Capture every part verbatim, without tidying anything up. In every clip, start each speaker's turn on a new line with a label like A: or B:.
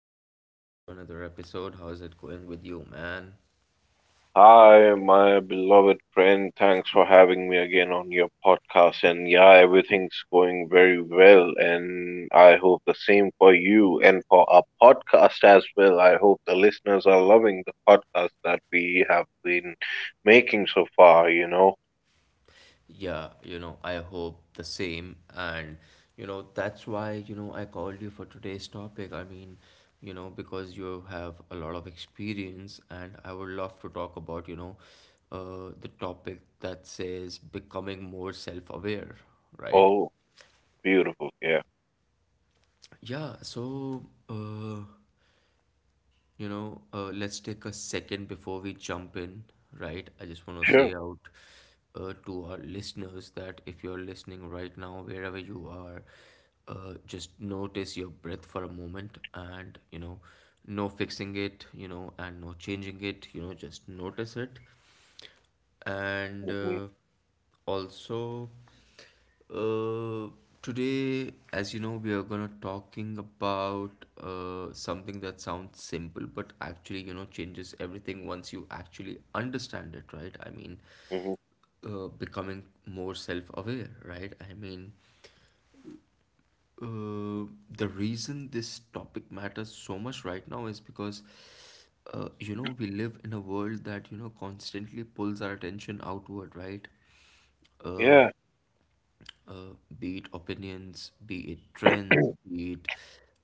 A: welcome back to another episode. How's it going with you, man?
B: Hi, my beloved friend. Thanks for having me again on your podcast. And yeah, everything's going very well. And I hope the same for you and for our podcast as well. I hope the listeners are loving the podcast that we have been making so far, you know.
A: Yeah, you know, I hope the same. And, you know, that's why, you know, I called you for today's topic. I mean, you know, because you have a lot of experience, and I would love to talk about, you know, uh, the topic that says becoming more self aware, right?
B: Oh, beautiful. Yeah,
A: Yeah, so uh, You know, uh, let's take a second before we jump in, right? I just want to
B: sure.
A: say out uh, to our listeners that if you're listening right now, wherever you are, uh, just notice your breath for a moment and, you know, no fixing it, you know, and no changing it, you know, just notice it and
B: hmm
A: uh, also uh, today, as you know, we are gonna talking about uh, something that sounds simple but actually, you know, changes everything once you actually understand it, right i mean
B: hmm
A: uh, Becoming more self-aware, right i mean uh, the reason this topic matters so much right now is because, uh, you know, we live in a world that, you know, constantly pulls our attention outward, right? uh,
B: Yeah.
A: uh, be it opinions, be it trends, be it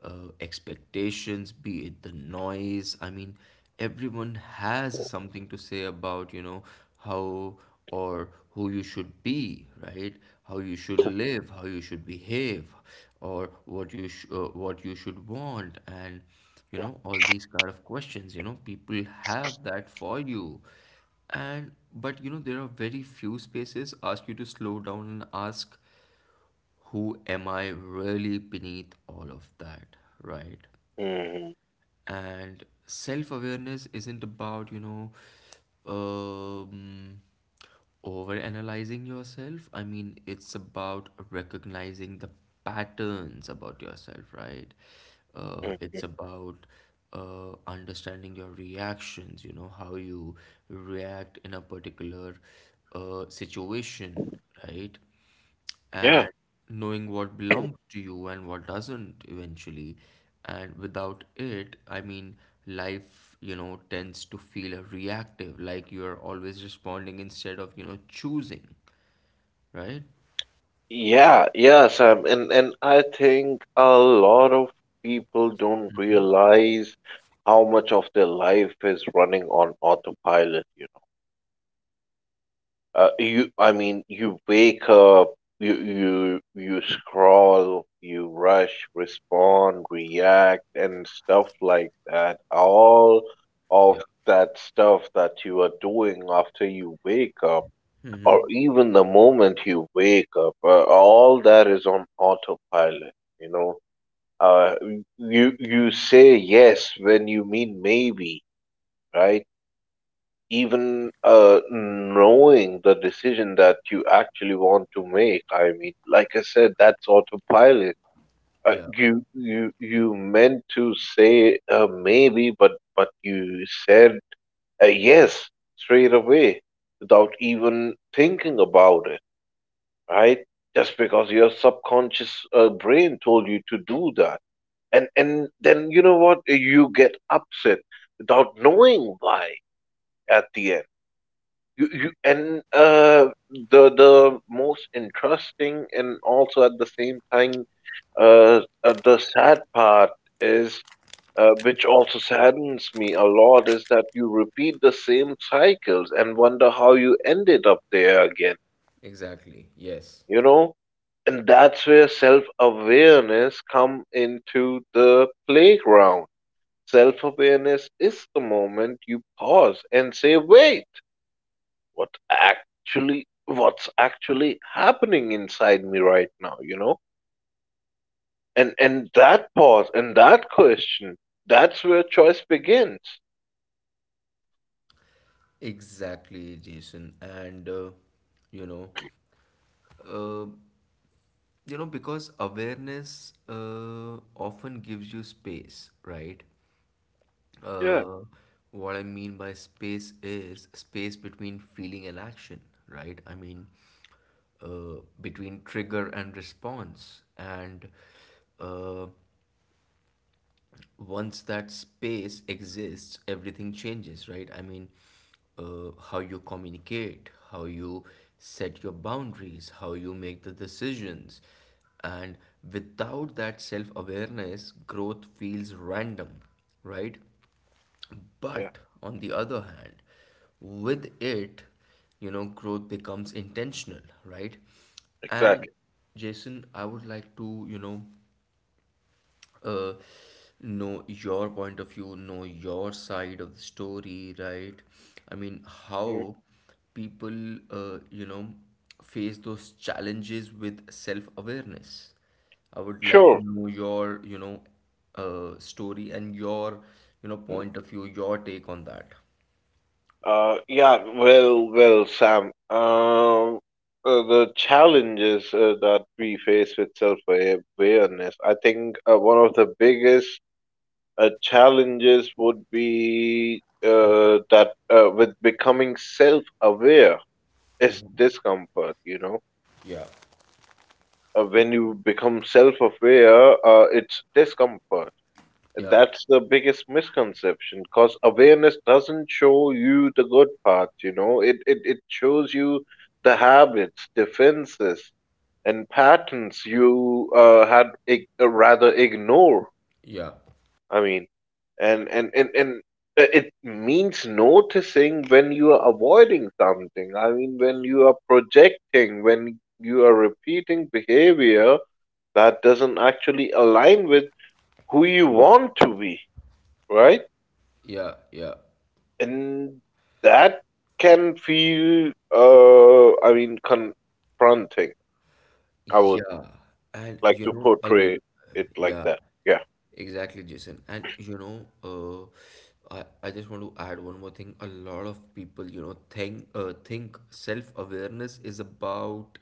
A: uh, expectations, be it the noise. I mean, everyone has something to say about, you know, how or who you should be, right? How you should live, how you should behave, or what you sh- uh, what you should want, and you know all these kind of questions. You know, people have that for you, and but you know there are very few spaces ask you to slow down and ask, who am I really beneath all of that, right?
B: hmm
A: And self awareness isn't about, you know, um, over analyzing yourself. I mean, it's about recognizing the patterns about yourself, right? Uh,
B: hmm
A: it's about uh, understanding your reactions, you know, how you react in a particular uh, situation, right?
B: Yeah.
A: And knowing what belongs to you and what doesn't eventually. And without it, I mean, life, you know, tends to feel reactive, like you're always responding instead of, you know, choosing, right?
B: Yeah, yeah, Sam. And and I think a lot of people don't
A: Mm-hmm.
B: realize how much of their life is running on autopilot, you know. Uh, you, I mean, you wake up, you you you scroll, you rush, respond, react, and stuff like that. All
A: Yeah.
B: of that stuff that you are doing after you wake up or
A: Mm-hmm.
B: even the moment you wake up, uh, all that is on autopilot. You know, uh, you you say yes when you mean maybe, right? Even uh, knowing the decision that you actually want to make. I mean, like I said, that's autopilot. Uh,
A: Yeah,
B: you you you meant to say uh, maybe, but but you said uh, yes straight away without even thinking about it, right? Just because your subconscious uh, brain told you to do that. And and then you know what? You get upset without knowing why at the end. You, you and uh, the the most interesting and also at the same time uh, uh, the sad part is uh, which also saddens me a lot is that you repeat the same cycles and wonder how you ended up there again
A: exactly. Yes.
B: you know and that's where self awareness come into the playground. Self awareness is the moment you pause and say, wait, what actually what's actually happening inside me right now you know and and that pause and that question, that's where choice begins.
A: Exactly, Jason. And uh, you know, you know, because awareness uh, often gives you space, right?
B: Yeah,
A: Uh, what I mean by space is space between feeling and action, right? I mean, uh, between trigger and response. And uh, once that space exists, everything changes, right? I mean, uh, how you communicate, how you set your boundaries, how you make the decisions. And without that self awareness, growth feels random, right?
B: yeah,
A: But on the other hand, with it, you know, growth becomes intentional, right?
B: exactly.
A: And Jason, I would like to, you know, uh, know your point of view, know your side of the story, right? I mean,
B: Mhm.
A: how people, uh, you know, face those challenges with self-awareness. I would like to
B: Sure.
A: know your, you know, uh, story and your, you know, point of view, your take on that.
B: Uh, yeah, well, well, Sam. Um, uh, the challenges uh, that we face with self-awareness, I think uh, one of the biggest uh, challenges would be uh, that, uh, with becoming self-aware, is discomfort, you know.
A: Yeah.
B: Uh, when you become self-aware, uh, it's discomfort.
A: Yeah.
B: That's the biggest misconception because awareness doesn't show you the good parts, you know. It, it it shows you the habits, defenses, and patterns you uh, had ig- uh, rather ignore.
A: Yeah.
B: I mean, and and and and uh, it means noticing when you are avoiding something. I mean, when you are projecting, when you are repeating behavior that doesn't actually align with who you want to be, right?
A: Yeah. Yeah.
B: And that can feel, uh, I mean, confronting. I would
A: Yeah. And
B: like
A: you
B: to
A: know, a
B: portray
A: l-
B: it like
A: yeah,
B: that. Yeah.
A: exactly, Jason. And you know, uh, I, I just want to add one more thing. A lot of people, you know, think uh, think self-awareness is about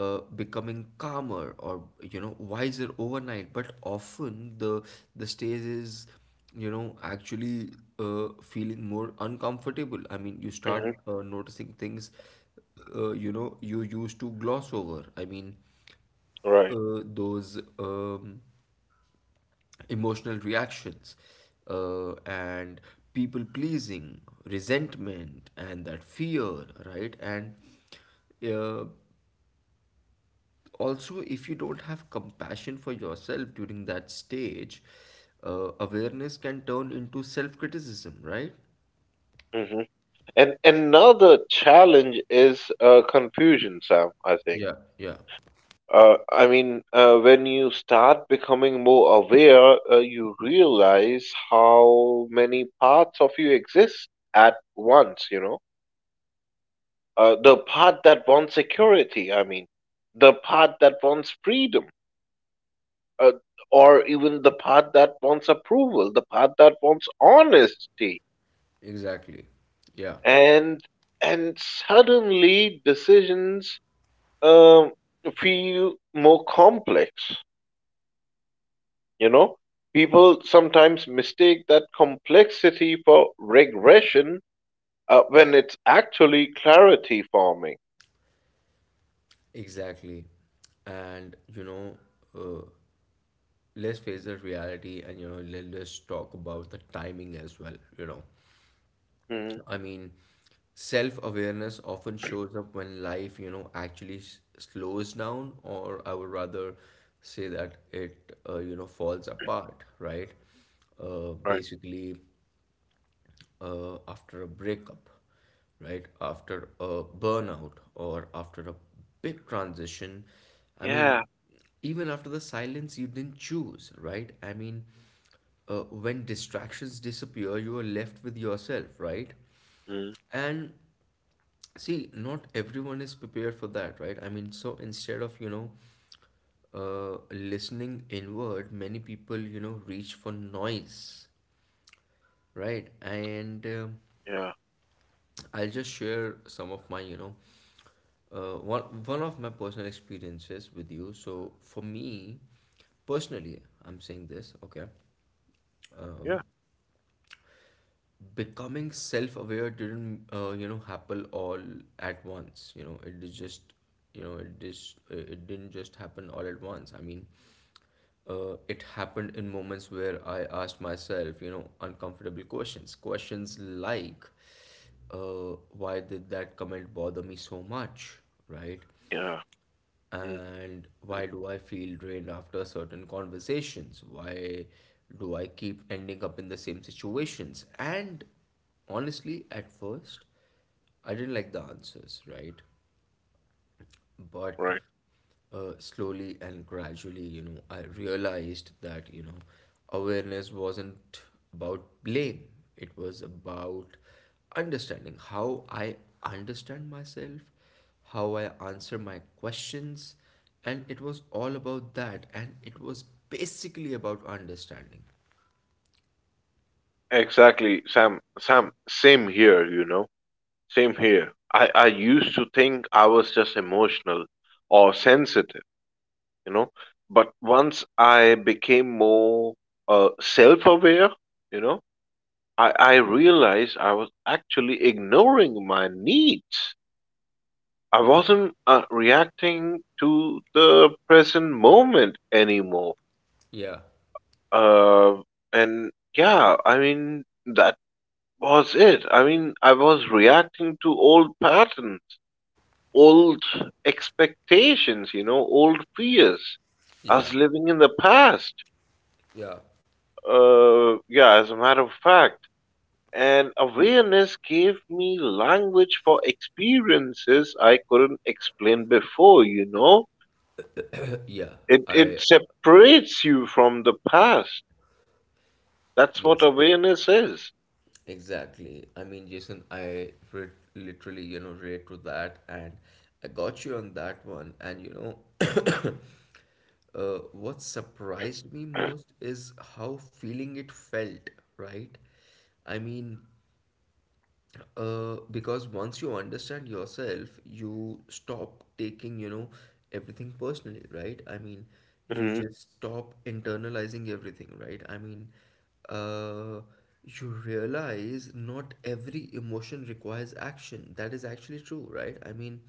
A: uh, becoming calmer or, you know, wiser overnight, but often the the stage is, you know, actually uh, feeling more uncomfortable. I mean, you start
B: hmm
A: uh, noticing things uh, you know you used to gloss over. I mean,
B: Right.
A: uh, those um, emotional reactions uh, and people pleasing, resentment, and that fear, right? And uh, Also, if you don't have compassion for yourself during that stage, uh, awareness can turn into self criticism, right?
B: hmm And another challenge is uh, confusion, Sam, I think.
A: Yeah, yeah,
B: Uh, I mean, uh, when you start becoming more aware, uh, you realize how many parts of you exist at once, you know? Uh, the part that wants security, I mean, the part that wants freedom, uh, or even the part that wants approval, the part that wants honesty,
A: exactly. Yeah,
B: and and suddenly decisions um, feel more complex. You know, people sometimes mistake that complexity for regression uh, when it's actually clarity forming.
A: exactly. And you know, uh, let's face the reality, and you know, let, let's talk about the timing as well, you know.
B: Mhm.
A: I mean, self-awareness often shows up when life, you know, actually s- slows down, or I would rather say that it, uh, you know, falls apart, right? Uh,
B: Right.
A: basically, uh, after a breakup, right, after a burnout, or after a big transition. I mean,
B: Yeah.
A: even after the silence you didn't choose, right? I mean, uh, when distractions disappear, you are left with yourself, right?
B: Mm.
A: And see, not everyone is prepared for that, right? I mean, so instead of, you know, uh, listening inward, many people, you know, reach for noise, right? And um
B: Yeah.
A: I'll just share some of my, you know, uh, one, one of my personal experiences with you. So for me, personally, I'm saying this, okay?
B: Yeah.
A: Becoming self-aware didn't uh, you know, happen all at once. You know, it is just, you know, it just, it didn't just happen all at once. I mean, uh, it happened in moments where I asked myself, you know, uncomfortable questions. Questions like, uh, why did that comment bother me so much, right?
B: Yeah.
A: And why do I feel drained after certain conversations? Why do I keep ending up in the same situations? And honestly, at first, I didn't like the answers, right? but
B: Right.
A: uh, slowly and gradually, you know, I realized that, you know, awareness wasn't about blame. It was about understanding how I understand myself, how I answer my questions. And it was all about that. And it was basically about understanding.
B: Exactly, Sam. Sam, same here, you know. Same here. I, I used to think I was just emotional or sensitive, you know. But once I became more uh, self aware, you know, I, I realized I was actually ignoring my needs. I wasn't uh, reacting to the present moment anymore.
A: Yeah,
B: Uh, and yeah, I mean, Was it? I mean, I was reacting to old patterns, old expectations, you know, old fears. I
A: yeah,
B: was living in the past.
A: yeah,
B: Uh, yeah, as a matter of fact. And awareness gave me language for experiences I couldn't explain before, you know?
A: yeah.
B: It it
A: I,
B: separates you from the past. That's what
A: yes,
B: awareness is.
A: exactly. I mean, Jason, I re literally, you know, relate to that, and I got you on that one. And you know, uh, what surprised me most is how feeling it felt, right? I mean, uh, because once you understand yourself, you stop taking, you know, everything personally, right? I mean, you
B: hmm
A: just stop internalizing everything, right? I mean, uh, you realize not every emotion requires action. That is actually true, right? I mean,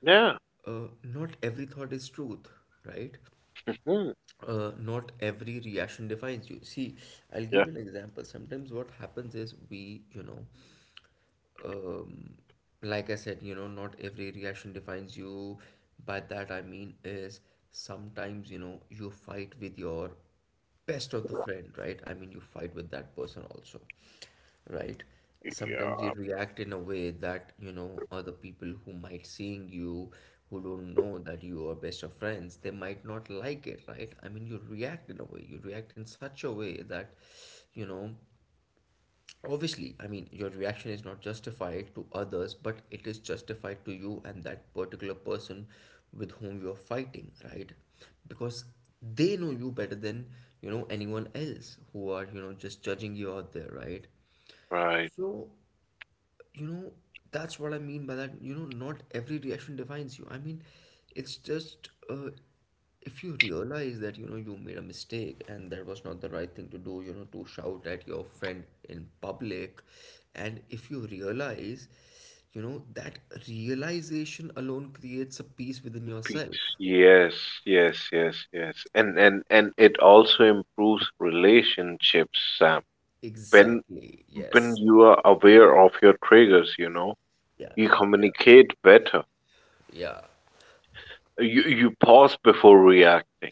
B: Yeah.
A: uh, not every thought is truth, right?
B: hmm
A: Uh, not every reaction defines you. See, I'll give
B: Yeah.
A: you an example. Sometimes what happens is we, you know, um, like I said, you know, not every reaction defines you. By that I mean is sometimes, you know, you fight with your best of the friend, right? I mean, you fight with that person also, right? Sometimes you
B: Yeah.
A: react in a way that, you know, other people who might seeing you, who don't know that you are best of friends, they might not like it, right? I mean, you react in a way, you react in such a way that, you know, obviously, I mean, your reaction is not justified to others, but it is justified to you and that particular person with whom you are fighting, right? Because they know you better than, you know, anyone else who are, you know, just judging you out there, right?
B: Right.
A: So, So, you know, that's what I mean by that. You know, not every reaction defines you. I mean, it's just, uh, if you realize that, you know, you made a mistake and that was not the right thing to do, you know, to shout at your friend in public, and if you realize, you know, that realization alone creates a peace within
B: Peace.
A: yourself.
B: Yes, yes, yes, yes. And and and it also improves relationships, Sam. When
A: Exactly,
B: when
A: yes.
B: you are aware of your triggers, you know,
A: Yeah,
B: you
A: yeah, yeah,
B: communicate better.
A: yeah,
B: You you pause before reacting.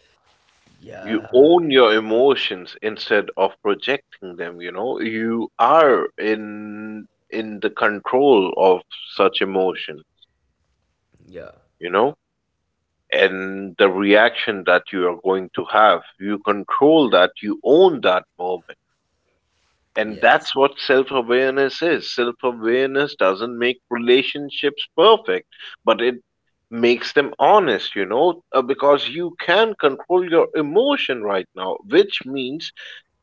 B: You
A: yeah,
B: own your emotions instead of projecting them, you know. You are in in the control of such emotion,
A: yeah,
B: you know, and the reaction that you are going to have. You control that, you own that moment. And
A: yes.
B: that's what self awareness is. Self awareness doesn't make relationships perfect, but it makes them honest, you know, uh, because you can control your emotion right now, which means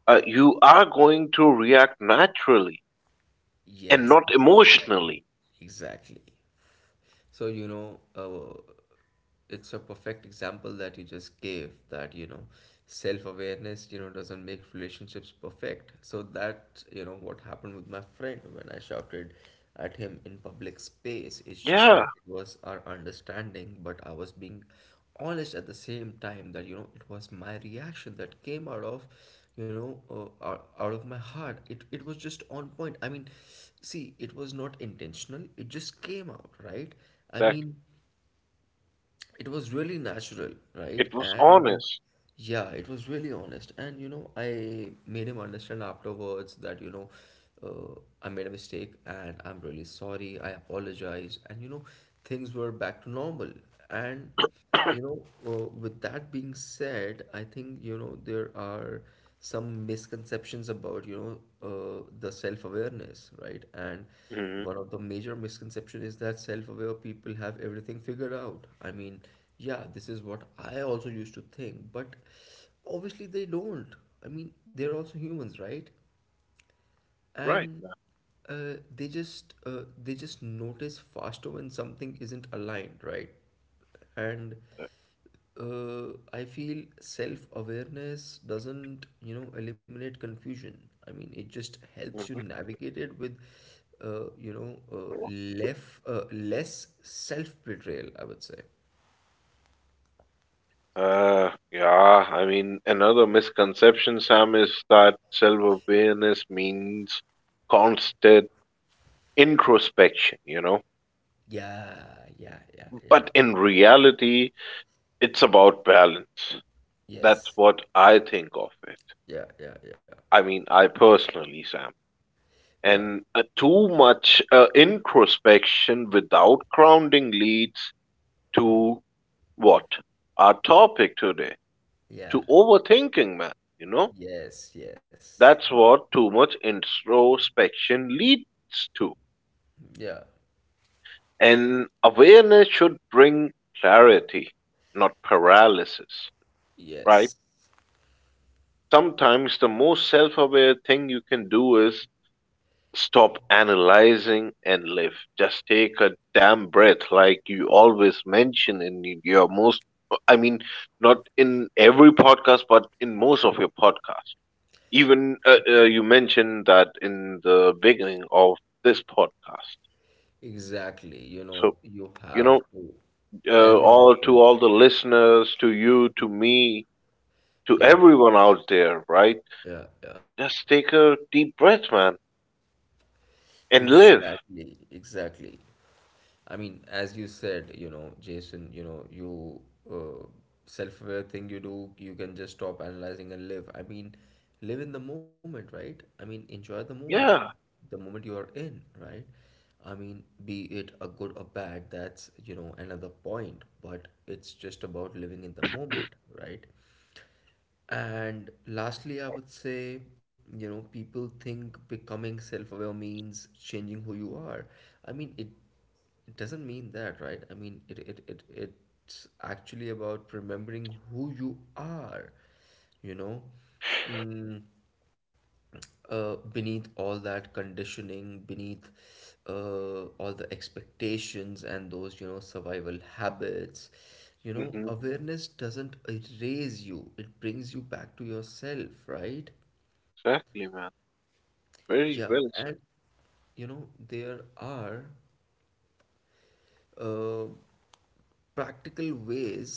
B: uh, you are going to react naturally and
A: Yes,
B: not emotionally.
A: exactly. Exactly. So, you know, uh, it's a perfect example that you just gave, that you know self-awareness, you know, doesn't make relationships perfect. So that, you know, what happened with my friend when I shouted at him in public space, it's just
B: Yeah,
A: that it was our understanding, but I was being honest at the same time, that you know it was my reaction that came out of, you know, uh, out out of my heart. it it was just on point. I mean, see, it was not intentional, it just came out, right? I
B: exactly.
A: mean, it was really natural, right?
B: It was
A: And uh,
B: honest.
A: yeah, it was really honest. And you know, I made him understand afterwards that, you know, uh, I made a mistake and I'm really sorry. I apologize. And you know, things were back to normal. And you know, uh, with that being said, I think, you know, there are some misconceptions about, you know, uh, the self-awareness, right? And
B: hmm
A: one of the major misconception is that self-aware people have everything figured out. I mean, yeah, this is what I also used to think, but obviously they don't. I mean, they're also humans, right?
B: Right.
A: and uh, they just uh, they just notice faster when something isn't aligned, right? And uh, I feel self-awareness doesn't, you know, eliminate confusion. I mean, it just helps you navigate it with, uh, you know, uh, less uh, less self-betrayal, I would say.
B: Uh, yeah, I mean, another misconception, Sam, is that self-awareness means constant introspection, you know?
A: Yeah, yeah, yeah, yeah.
B: But in reality, it's about balance. That's
A: Yes.
B: what I think of it.
A: Yeah, yeah, yeah.
B: I mean, I personally, Sam.
A: Yeah.
B: And uh, too much uh, introspection without grounding leads to what? Our topic today, to
A: Yeah.
B: overthinking, man, you know?
A: Yes, yes.
B: That's what too much introspection leads to.
A: Yeah.
B: And awareness should bring clarity, not paralysis, right?
A: Yes,
B: Sometimes the most self aware thing you can do is stop analyzing and live. Just take a damn breath, like you always mention in your most, I mean, not in every podcast, but in most of your podcasts. Even
A: e-
B: uh, uh, you mentioned that in the beginning of this podcast.
A: exactly. You know,
B: So,
A: you
B: you
A: have
B: know,
A: to,
B: uh,
A: as you
B: all to
A: mentioned,
B: all the listeners, to you, to me, to
A: yeah,
B: everyone out there, right?
A: yeah, yeah.
B: Just take a deep breath, man, and live.
A: Exactly, exactly. I mean, as you said, you know, Jason, you know, you uh, self-aware thing you do, you can just stop analyzing and live. I mean, live in the moment, right? I mean, enjoy the moment,
B: Yeah.
A: the moment you are in, right? I mean, be it a good or bad, that's, you know, another point, but it's just about living in the moment, right? And lastly, I would say, you know, people think becoming self-aware means changing who you are. I mean, it it doesn't mean that, right? I mean, it it it it's actually about remembering who you are, you know. Mm, uh, Beneath all that conditioning, beneath uh, all the expectations and those, you know, survival habits, you know,
B: hmm
A: awareness doesn't erase you, it brings you back to yourself, right?
B: Exactly, man.
A: Yeah,
B: Very well
A: and
B: said.
A: you know, there are uh, practical ways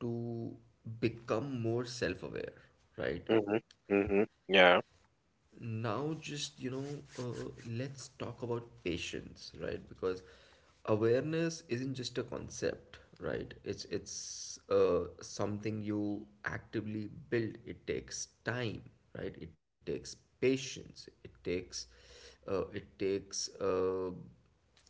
A: to become more self aware, right?
B: hmm hmm Yeah.
A: now just you know uh, let's talk about patience, right? Because awareness isn't just a concept, right? It's it's uh, something you actively build. It takes time, right? It takes patience, it takes uh, it takes uh,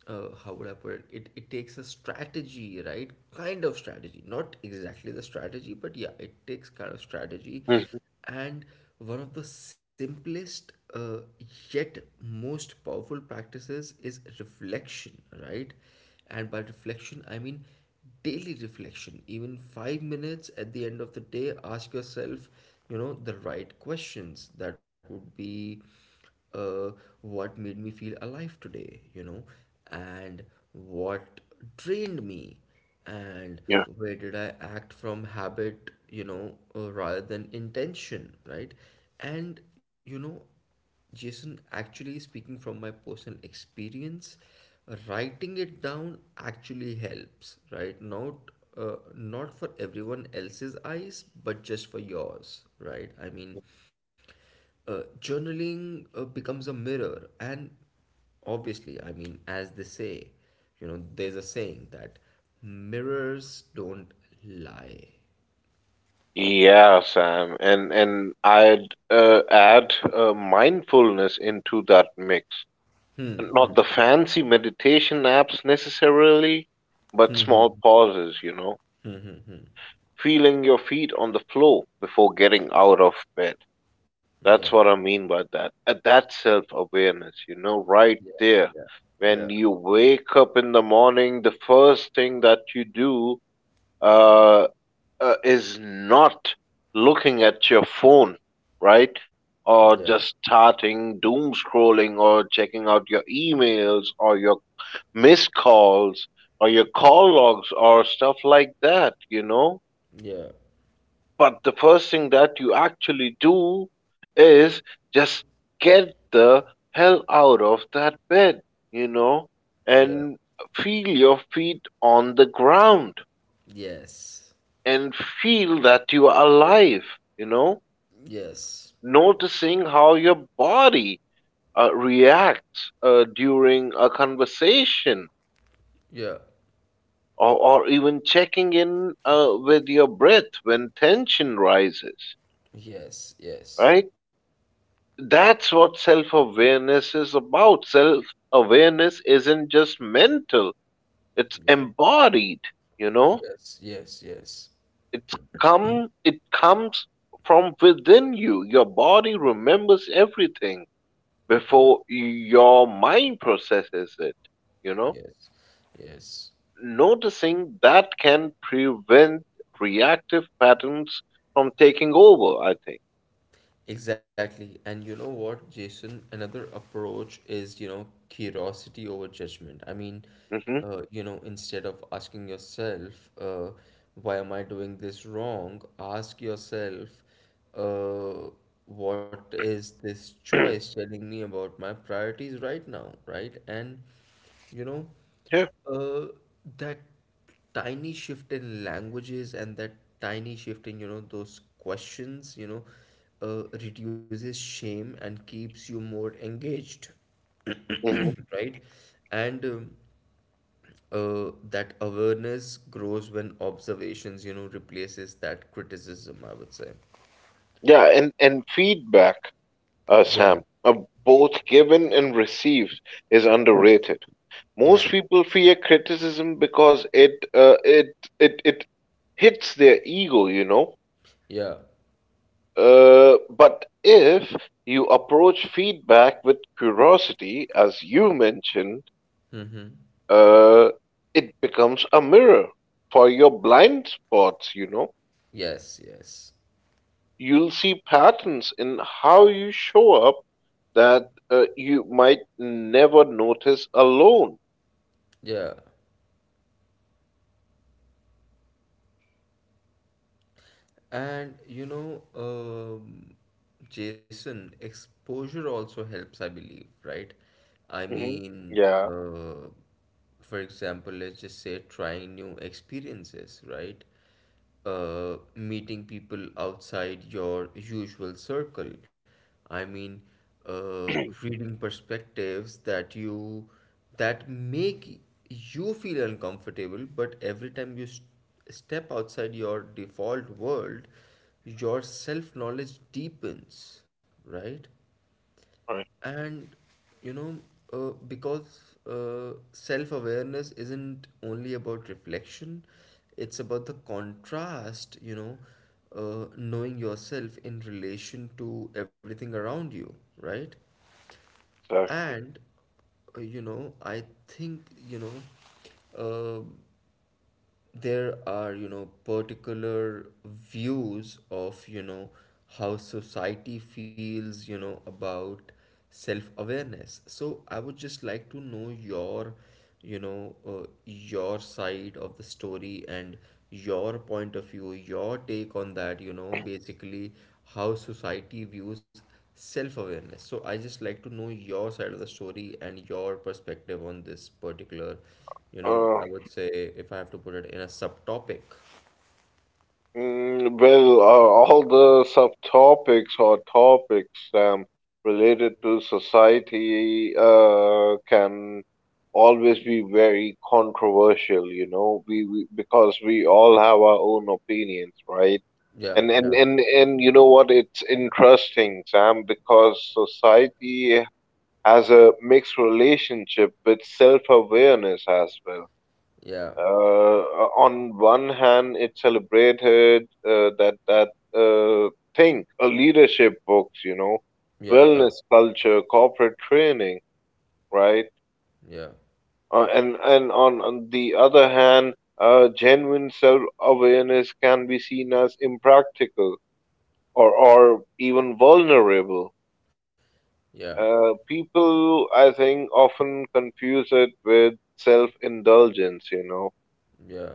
A: uh, how would I put it? It it takes a strategy, right? Kind of strategy, not exactly the strategy, but yeah, it takes kind of strategy.
B: hmm
A: And one of the simplest uh, yet most powerful practices is reflection, right? And by reflection, I mean daily reflection. Even five minutes at the end of the day, ask yourself, you know, the right questions. That would be, uh, what made me feel alive today, you know, and what drained me, and
B: Yeah.
A: where did I act from habit, you know, uh, rather than intention, right? And, you know, Jason, actually speaking from my personal experience, writing it down actually helps, right? Not uh, not for everyone else's eyes, but just for yours, right? I mean, uh, journaling uh, becomes a mirror, and obviously, I mean, as they say, you know, there's a saying that mirrors don't lie.
B: Yeah, Sam. And and I'd uh, add uh, mindfulness into that mix. Not the fancy meditation apps necessarily, but small pauses, you know. Feeling your feet on the floor before getting out of bed.
A: Yeah,
B: That's what I mean by that. Uh, That's self awareness, you know, right
A: yeah,
B: there.
A: yeah,
B: When
A: yeah,
B: you wake up in the morning, the first thing that you do uh, uh, is not looking at your phone, right?
A: yeah,
B: Or just starting doom scrolling or checking out your emails or your missed calls or your call logs or stuff like that, you know?
A: yeah,
B: But the first thing that you actually do is just get the hell out of that bed, you know,
A: yeah,
B: and feel your feet on the ground
A: yes,
B: and feel that you are alive, you know,
A: yes,
B: noticing how your body uh, reacts uh, during a conversation
A: yeah,
B: or, or even checking in uh, with your breath when tension rises,
A: yes, yes,
B: right? That's what self awareness is about. Self awareness isn't just mental, it's
A: yeah,
B: embodied, you know?
A: yes, yes, yes,
B: It's come it comes from within you. Your body remembers everything
A: yeah,
B: before your mind processes it, you know?
A: yes, yes.
B: Noticing that can prevent reactive patterns from taking over, I
A: Exactly. And you know what, Jason? Another approach is, you know, curiosity over judgment. I mean,
B: think. hmm
A: uh, you know, instead of asking yourself, uh, why am I doing this wrong? Ask yourself, uh, what is this choice telling me about my priorities right now, right? And, you know,
B: yeah.
A: uh, that tiny shift in languages and that tiny shift in, you know, those questions, you know, uh, reduces shame and keeps you more engaged,
B: hmm
A: right? And um, uh, that awareness grows when observations, you know, replaces that criticism, I would say.
B: Yeah, and, and feedback. uh,
A: Yeah,
B: Sam. Uh, both given and received, is underrated. Most
A: yeah,
B: people fear criticism because it uh, it it it hits their ego, you know.
A: yeah.
B: Uh, but if you approach feedback with curiosity, as you mentioned,
A: Mm-hmm.
B: uh, it becomes a mirror for your blind spots, you know.
A: Yes, yes.
B: You'll see patterns in how you show up that uh, you might never notice alone.
A: Yeah. And you know, um, Jason, exposure also helps, I believe, right? I
B: hmm
A: mean,
B: Yeah,
A: uh, for example, let's just say trying new experiences, right? Uh, meeting people outside your usual circle. I mean, uh, reading perspectives that you that make you feel uncomfortable, but every time you step outside your default world, your self knowledge deepens, right?
B: right.
A: And you know, uh, because uh, self awareness isn't only about reflection, it's about the contrast, you know, uh, knowing yourself in relation to everything around you, right?
B: Exactly.
A: And uh, you know, I think, you know, uh, there are, you know, particular views of, you know, how society feels, you know, about self awareness, so I would just like to know your, you know uh, your side of the story and your point of view, your take on that, you know, basically how society views self awareness, so I just like to know your side of the story and your perspective on this particular, you know,
B: Uh,
A: I would say if I have to put it in a subtopic.
B: mm, well, uh, all the subtopics or topics um, related to society uh, can always be very controversial, you know, we, we because we all have our own opinions, right?
A: Yeah,
B: And and
A: yeah,
B: and and you know what? It's interesting, Sam, because society has a mixed relationship with self-awareness as well.
A: yeah,
B: Uh, on one hand, it celebrated uh, that that uh, thing, uh, leadership books, you know,
A: yeah,
B: wellness culture, corporate training, right?
A: yeah,
B: Uh, and and on, on the other hand, uh, genuine self-awareness can be seen as impractical or or even vulnerable.
A: yeah,
B: Uh, people, I think, often confuse it with self-indulgence. You know,
A: yeah,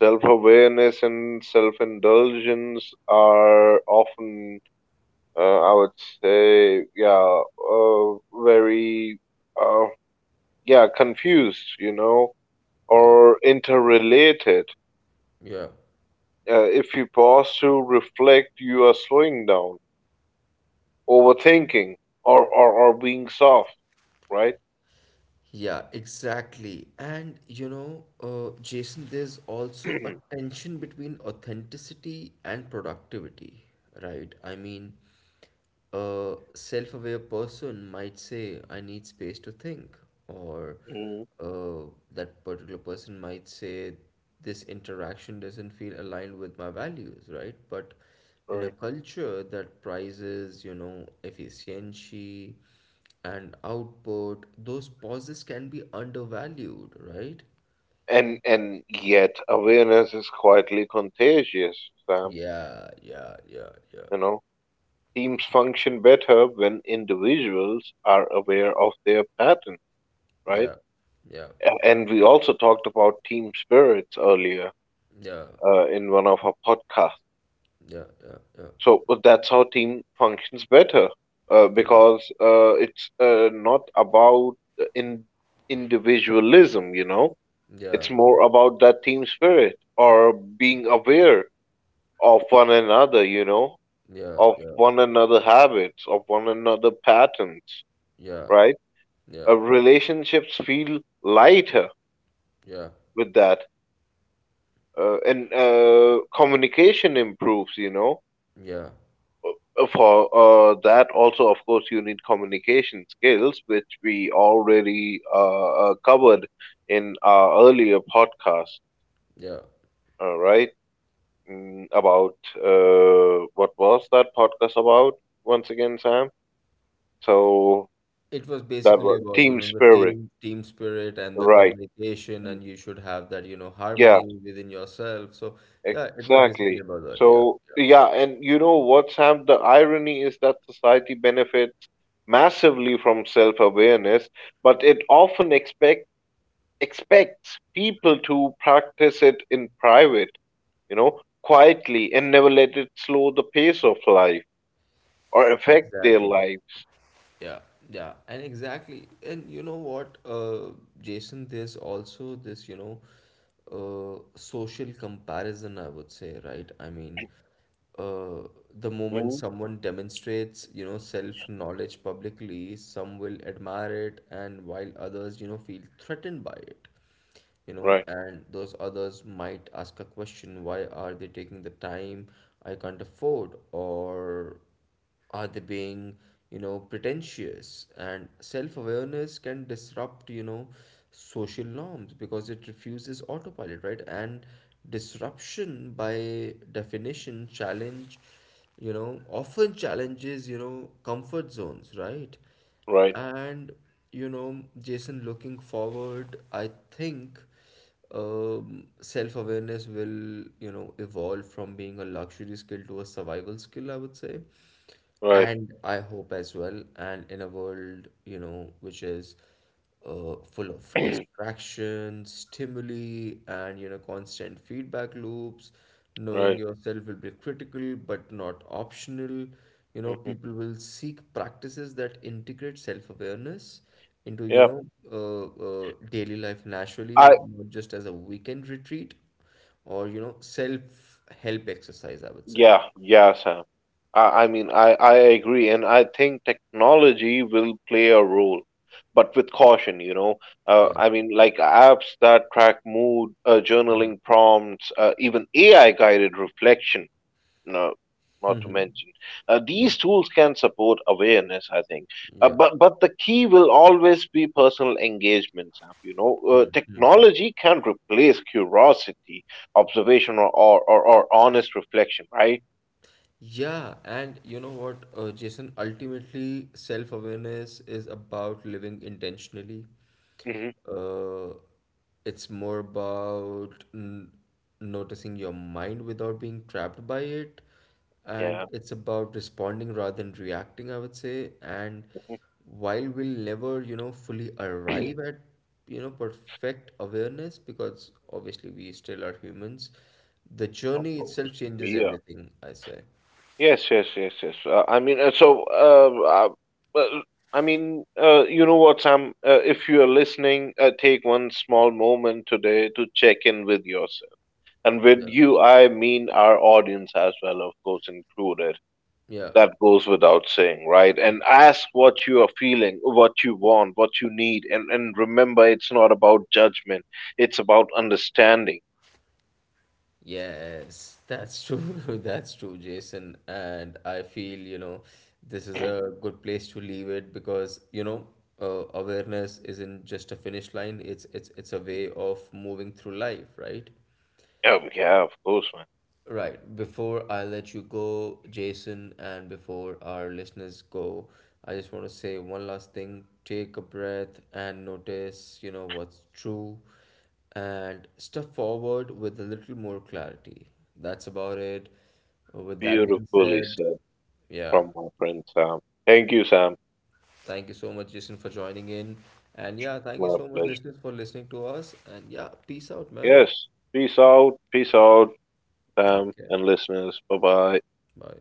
B: self-awareness and self-indulgence are often, uh, I would say, yeah, uh, very, uh, yeah, confused. You know,
A: yeah,
B: or interrelated.
A: yeah.
B: Uh, if you pause to reflect, you are slowing down, overthinking, or or, or being soft, right?
A: Yeah, exactly. And you know, uh, Jason, there's also a tension between authenticity and productivity, right? I mean, a self-aware person might say, I need space to think, or
B: Mhm.
A: uh, that particular person might say, this interaction doesn't feel aligned with my values, right? But in a
B: Right.
A: culture that prizes, you know, efficiency, and output, those pauses can be undervalued, right?
B: And and yet awareness is quietly contagious, Sam.
A: Yeah, yeah, yeah, yeah,
B: You know, teams function better when individuals are aware of their patterns, right?
A: yeah, yeah,
B: A- And we also talked about team spirits earlier uh, in one of our podcasts.
A: yeah, yeah,
B: So uh, that's how team functions better uh,
A: yeah,
B: because uh, it's uh, not about uh, in individualism, you know.
A: yeah, yeah, yeah,
B: It's
A: yeah, yeah,
B: more about that team spirit or being aware of one another, you know,
A: yeah,
B: of
A: yeah,
B: one another habits, of one another patterns,
A: yeah,
B: right?
A: yeah,
B: Uh, relationships feel lighter with that, uh, and uh, communication improves, you know.
A: yeah.
B: Uh, For uh, that, also, of course, you need communication skills, which we already uh, uh, covered in our earlier podcast,
A: Yeah.
B: uh, right? Mm, about uh, what was that podcast about once again, Sam? So
A: It was
B: that
A: basically
B: was
A: about, you
B: team
A: know, the
B: spirit,
A: team team spirit and the
B: right?
A: communication, and you should have that, you know,
B: Yeah,
A: harmony within yourself. So yeah, it was basically
B: exactly.
A: about that. Yeah,
B: So, yeah, and you know what, Sam? The irony is that society benefits massively from self-awareness, but it often expect expects people to practice it in private, you know, quietly, and never let it slow the pace of life or
A: yeah,
B: affect their
A: exactly.
B: life.
A: Yeah, yeah, and exactly. And you know what, uh, Jason, there's also this, you know, uh, social comparison, I would say, right? I mean, uh, the moment
B: Mhm.
A: someone demonstrates, you know, self-knowledge publicly, some will admire it, and while others, you know, feel threatened by it. You know,
B: Right,
A: and those others might ask a question, why are they taking the time I can't afford? Or are they being, you know, pretentious? And self-awareness can disrupt, you know, social norms because it refuses autopilot, right? And disruption by definition challenge you know, often challenges, you know, comfort zones, right?
B: right,
A: And you know, Jason, looking forward, I think, um, self-awareness will, you know, evolve from being a luxury skill to a survival skill, I would say.
B: right,
A: And I hope as well. And in a world, you know, which is uh, full of distractions, stimuli, and you know constant feedback loops. Knowing
B: right.
A: yourself will be critical but not optional. You know,
B: Mhm.
A: people will seek practices that integrate self-awareness into, you
B: Yeah,
A: know uh, uh, daily life naturally,
B: I
A: not just as a weekend retreat or, you know, self-help exercise. I would say,
B: Yeah, yeah, Sam. I, I mean, I, I agree, and I think technology will play a role, but with caution, you know. Uh,
A: yeah.
B: I mean, like apps that track mood, uh, journaling prompts, uh, even A I guided reflection. No, not to
A: Hmm.
B: mention, uh,
A: Yeah,
B: these tools can support awareness. I think, uh,
A: yeah.
B: but but the key will always be personal engagement, Sam. You know, uh,
A: Mm-hmm.
B: technology can replace curiosity, observation, or, or, or, or honest reflection, right?
A: Yeah, and you know what, uh, Jason, ultimately, self-awareness is about living intentionally.
B: Mhm.
A: Uh, it's more about n noticing your mind without being trapped by it. And
B: Yeah.
A: it's about responding rather than reacting, I would say. And
B: Mhm.
A: while we'll never, you know, fully arrive at, you know, perfect awareness, because obviously we still are humans, the
B: Of
A: journey
B: course.
A: itself changes
B: Yeah.
A: everything, I say.
B: Yes, yes, yes, yes. Uh, I mean, uh, so, uh, uh, well, I mean, uh, You know what, Sam? Uh, if you are listening, uh, take one small moment today to check in with yourself. And with
A: Yeah.
B: you, I mean our audience as well, of course, included.
A: Yeah.
B: That goes without saying, right? And
A: Yeah.
B: ask what you are feeling, what you want, what you need. And, and remember, it's not about judgment, it's about understanding.
A: Yes, that's true. That's true, Jason. And I feel, you know, this is a good place to leave it because, you know, uh, awareness isn't just a finish line, it's it's it's a way of moving through life, right?
B: Oh, yeah, of course.
A: Right. Before I let you go, Jason, and before our listeners go, I just want to say one last thing. Take a breath and notice, you know, what's true and step forward with a little more clarity. That's about it. With that being
B: Beautifully
A: said,
B: said
A: yeah.
B: from my friend Sam. Thank you, Sam.
A: Thank you so much, Jason, for joining in. And yeah, thank you
B: My
A: so much,
B: pleasure.
A: listeners, for listening to us. And yeah, peace out, man.
B: Yes. Peace out. Peace out, Sam
A: Okay.
B: and listeners. Bye bye.
A: Bye.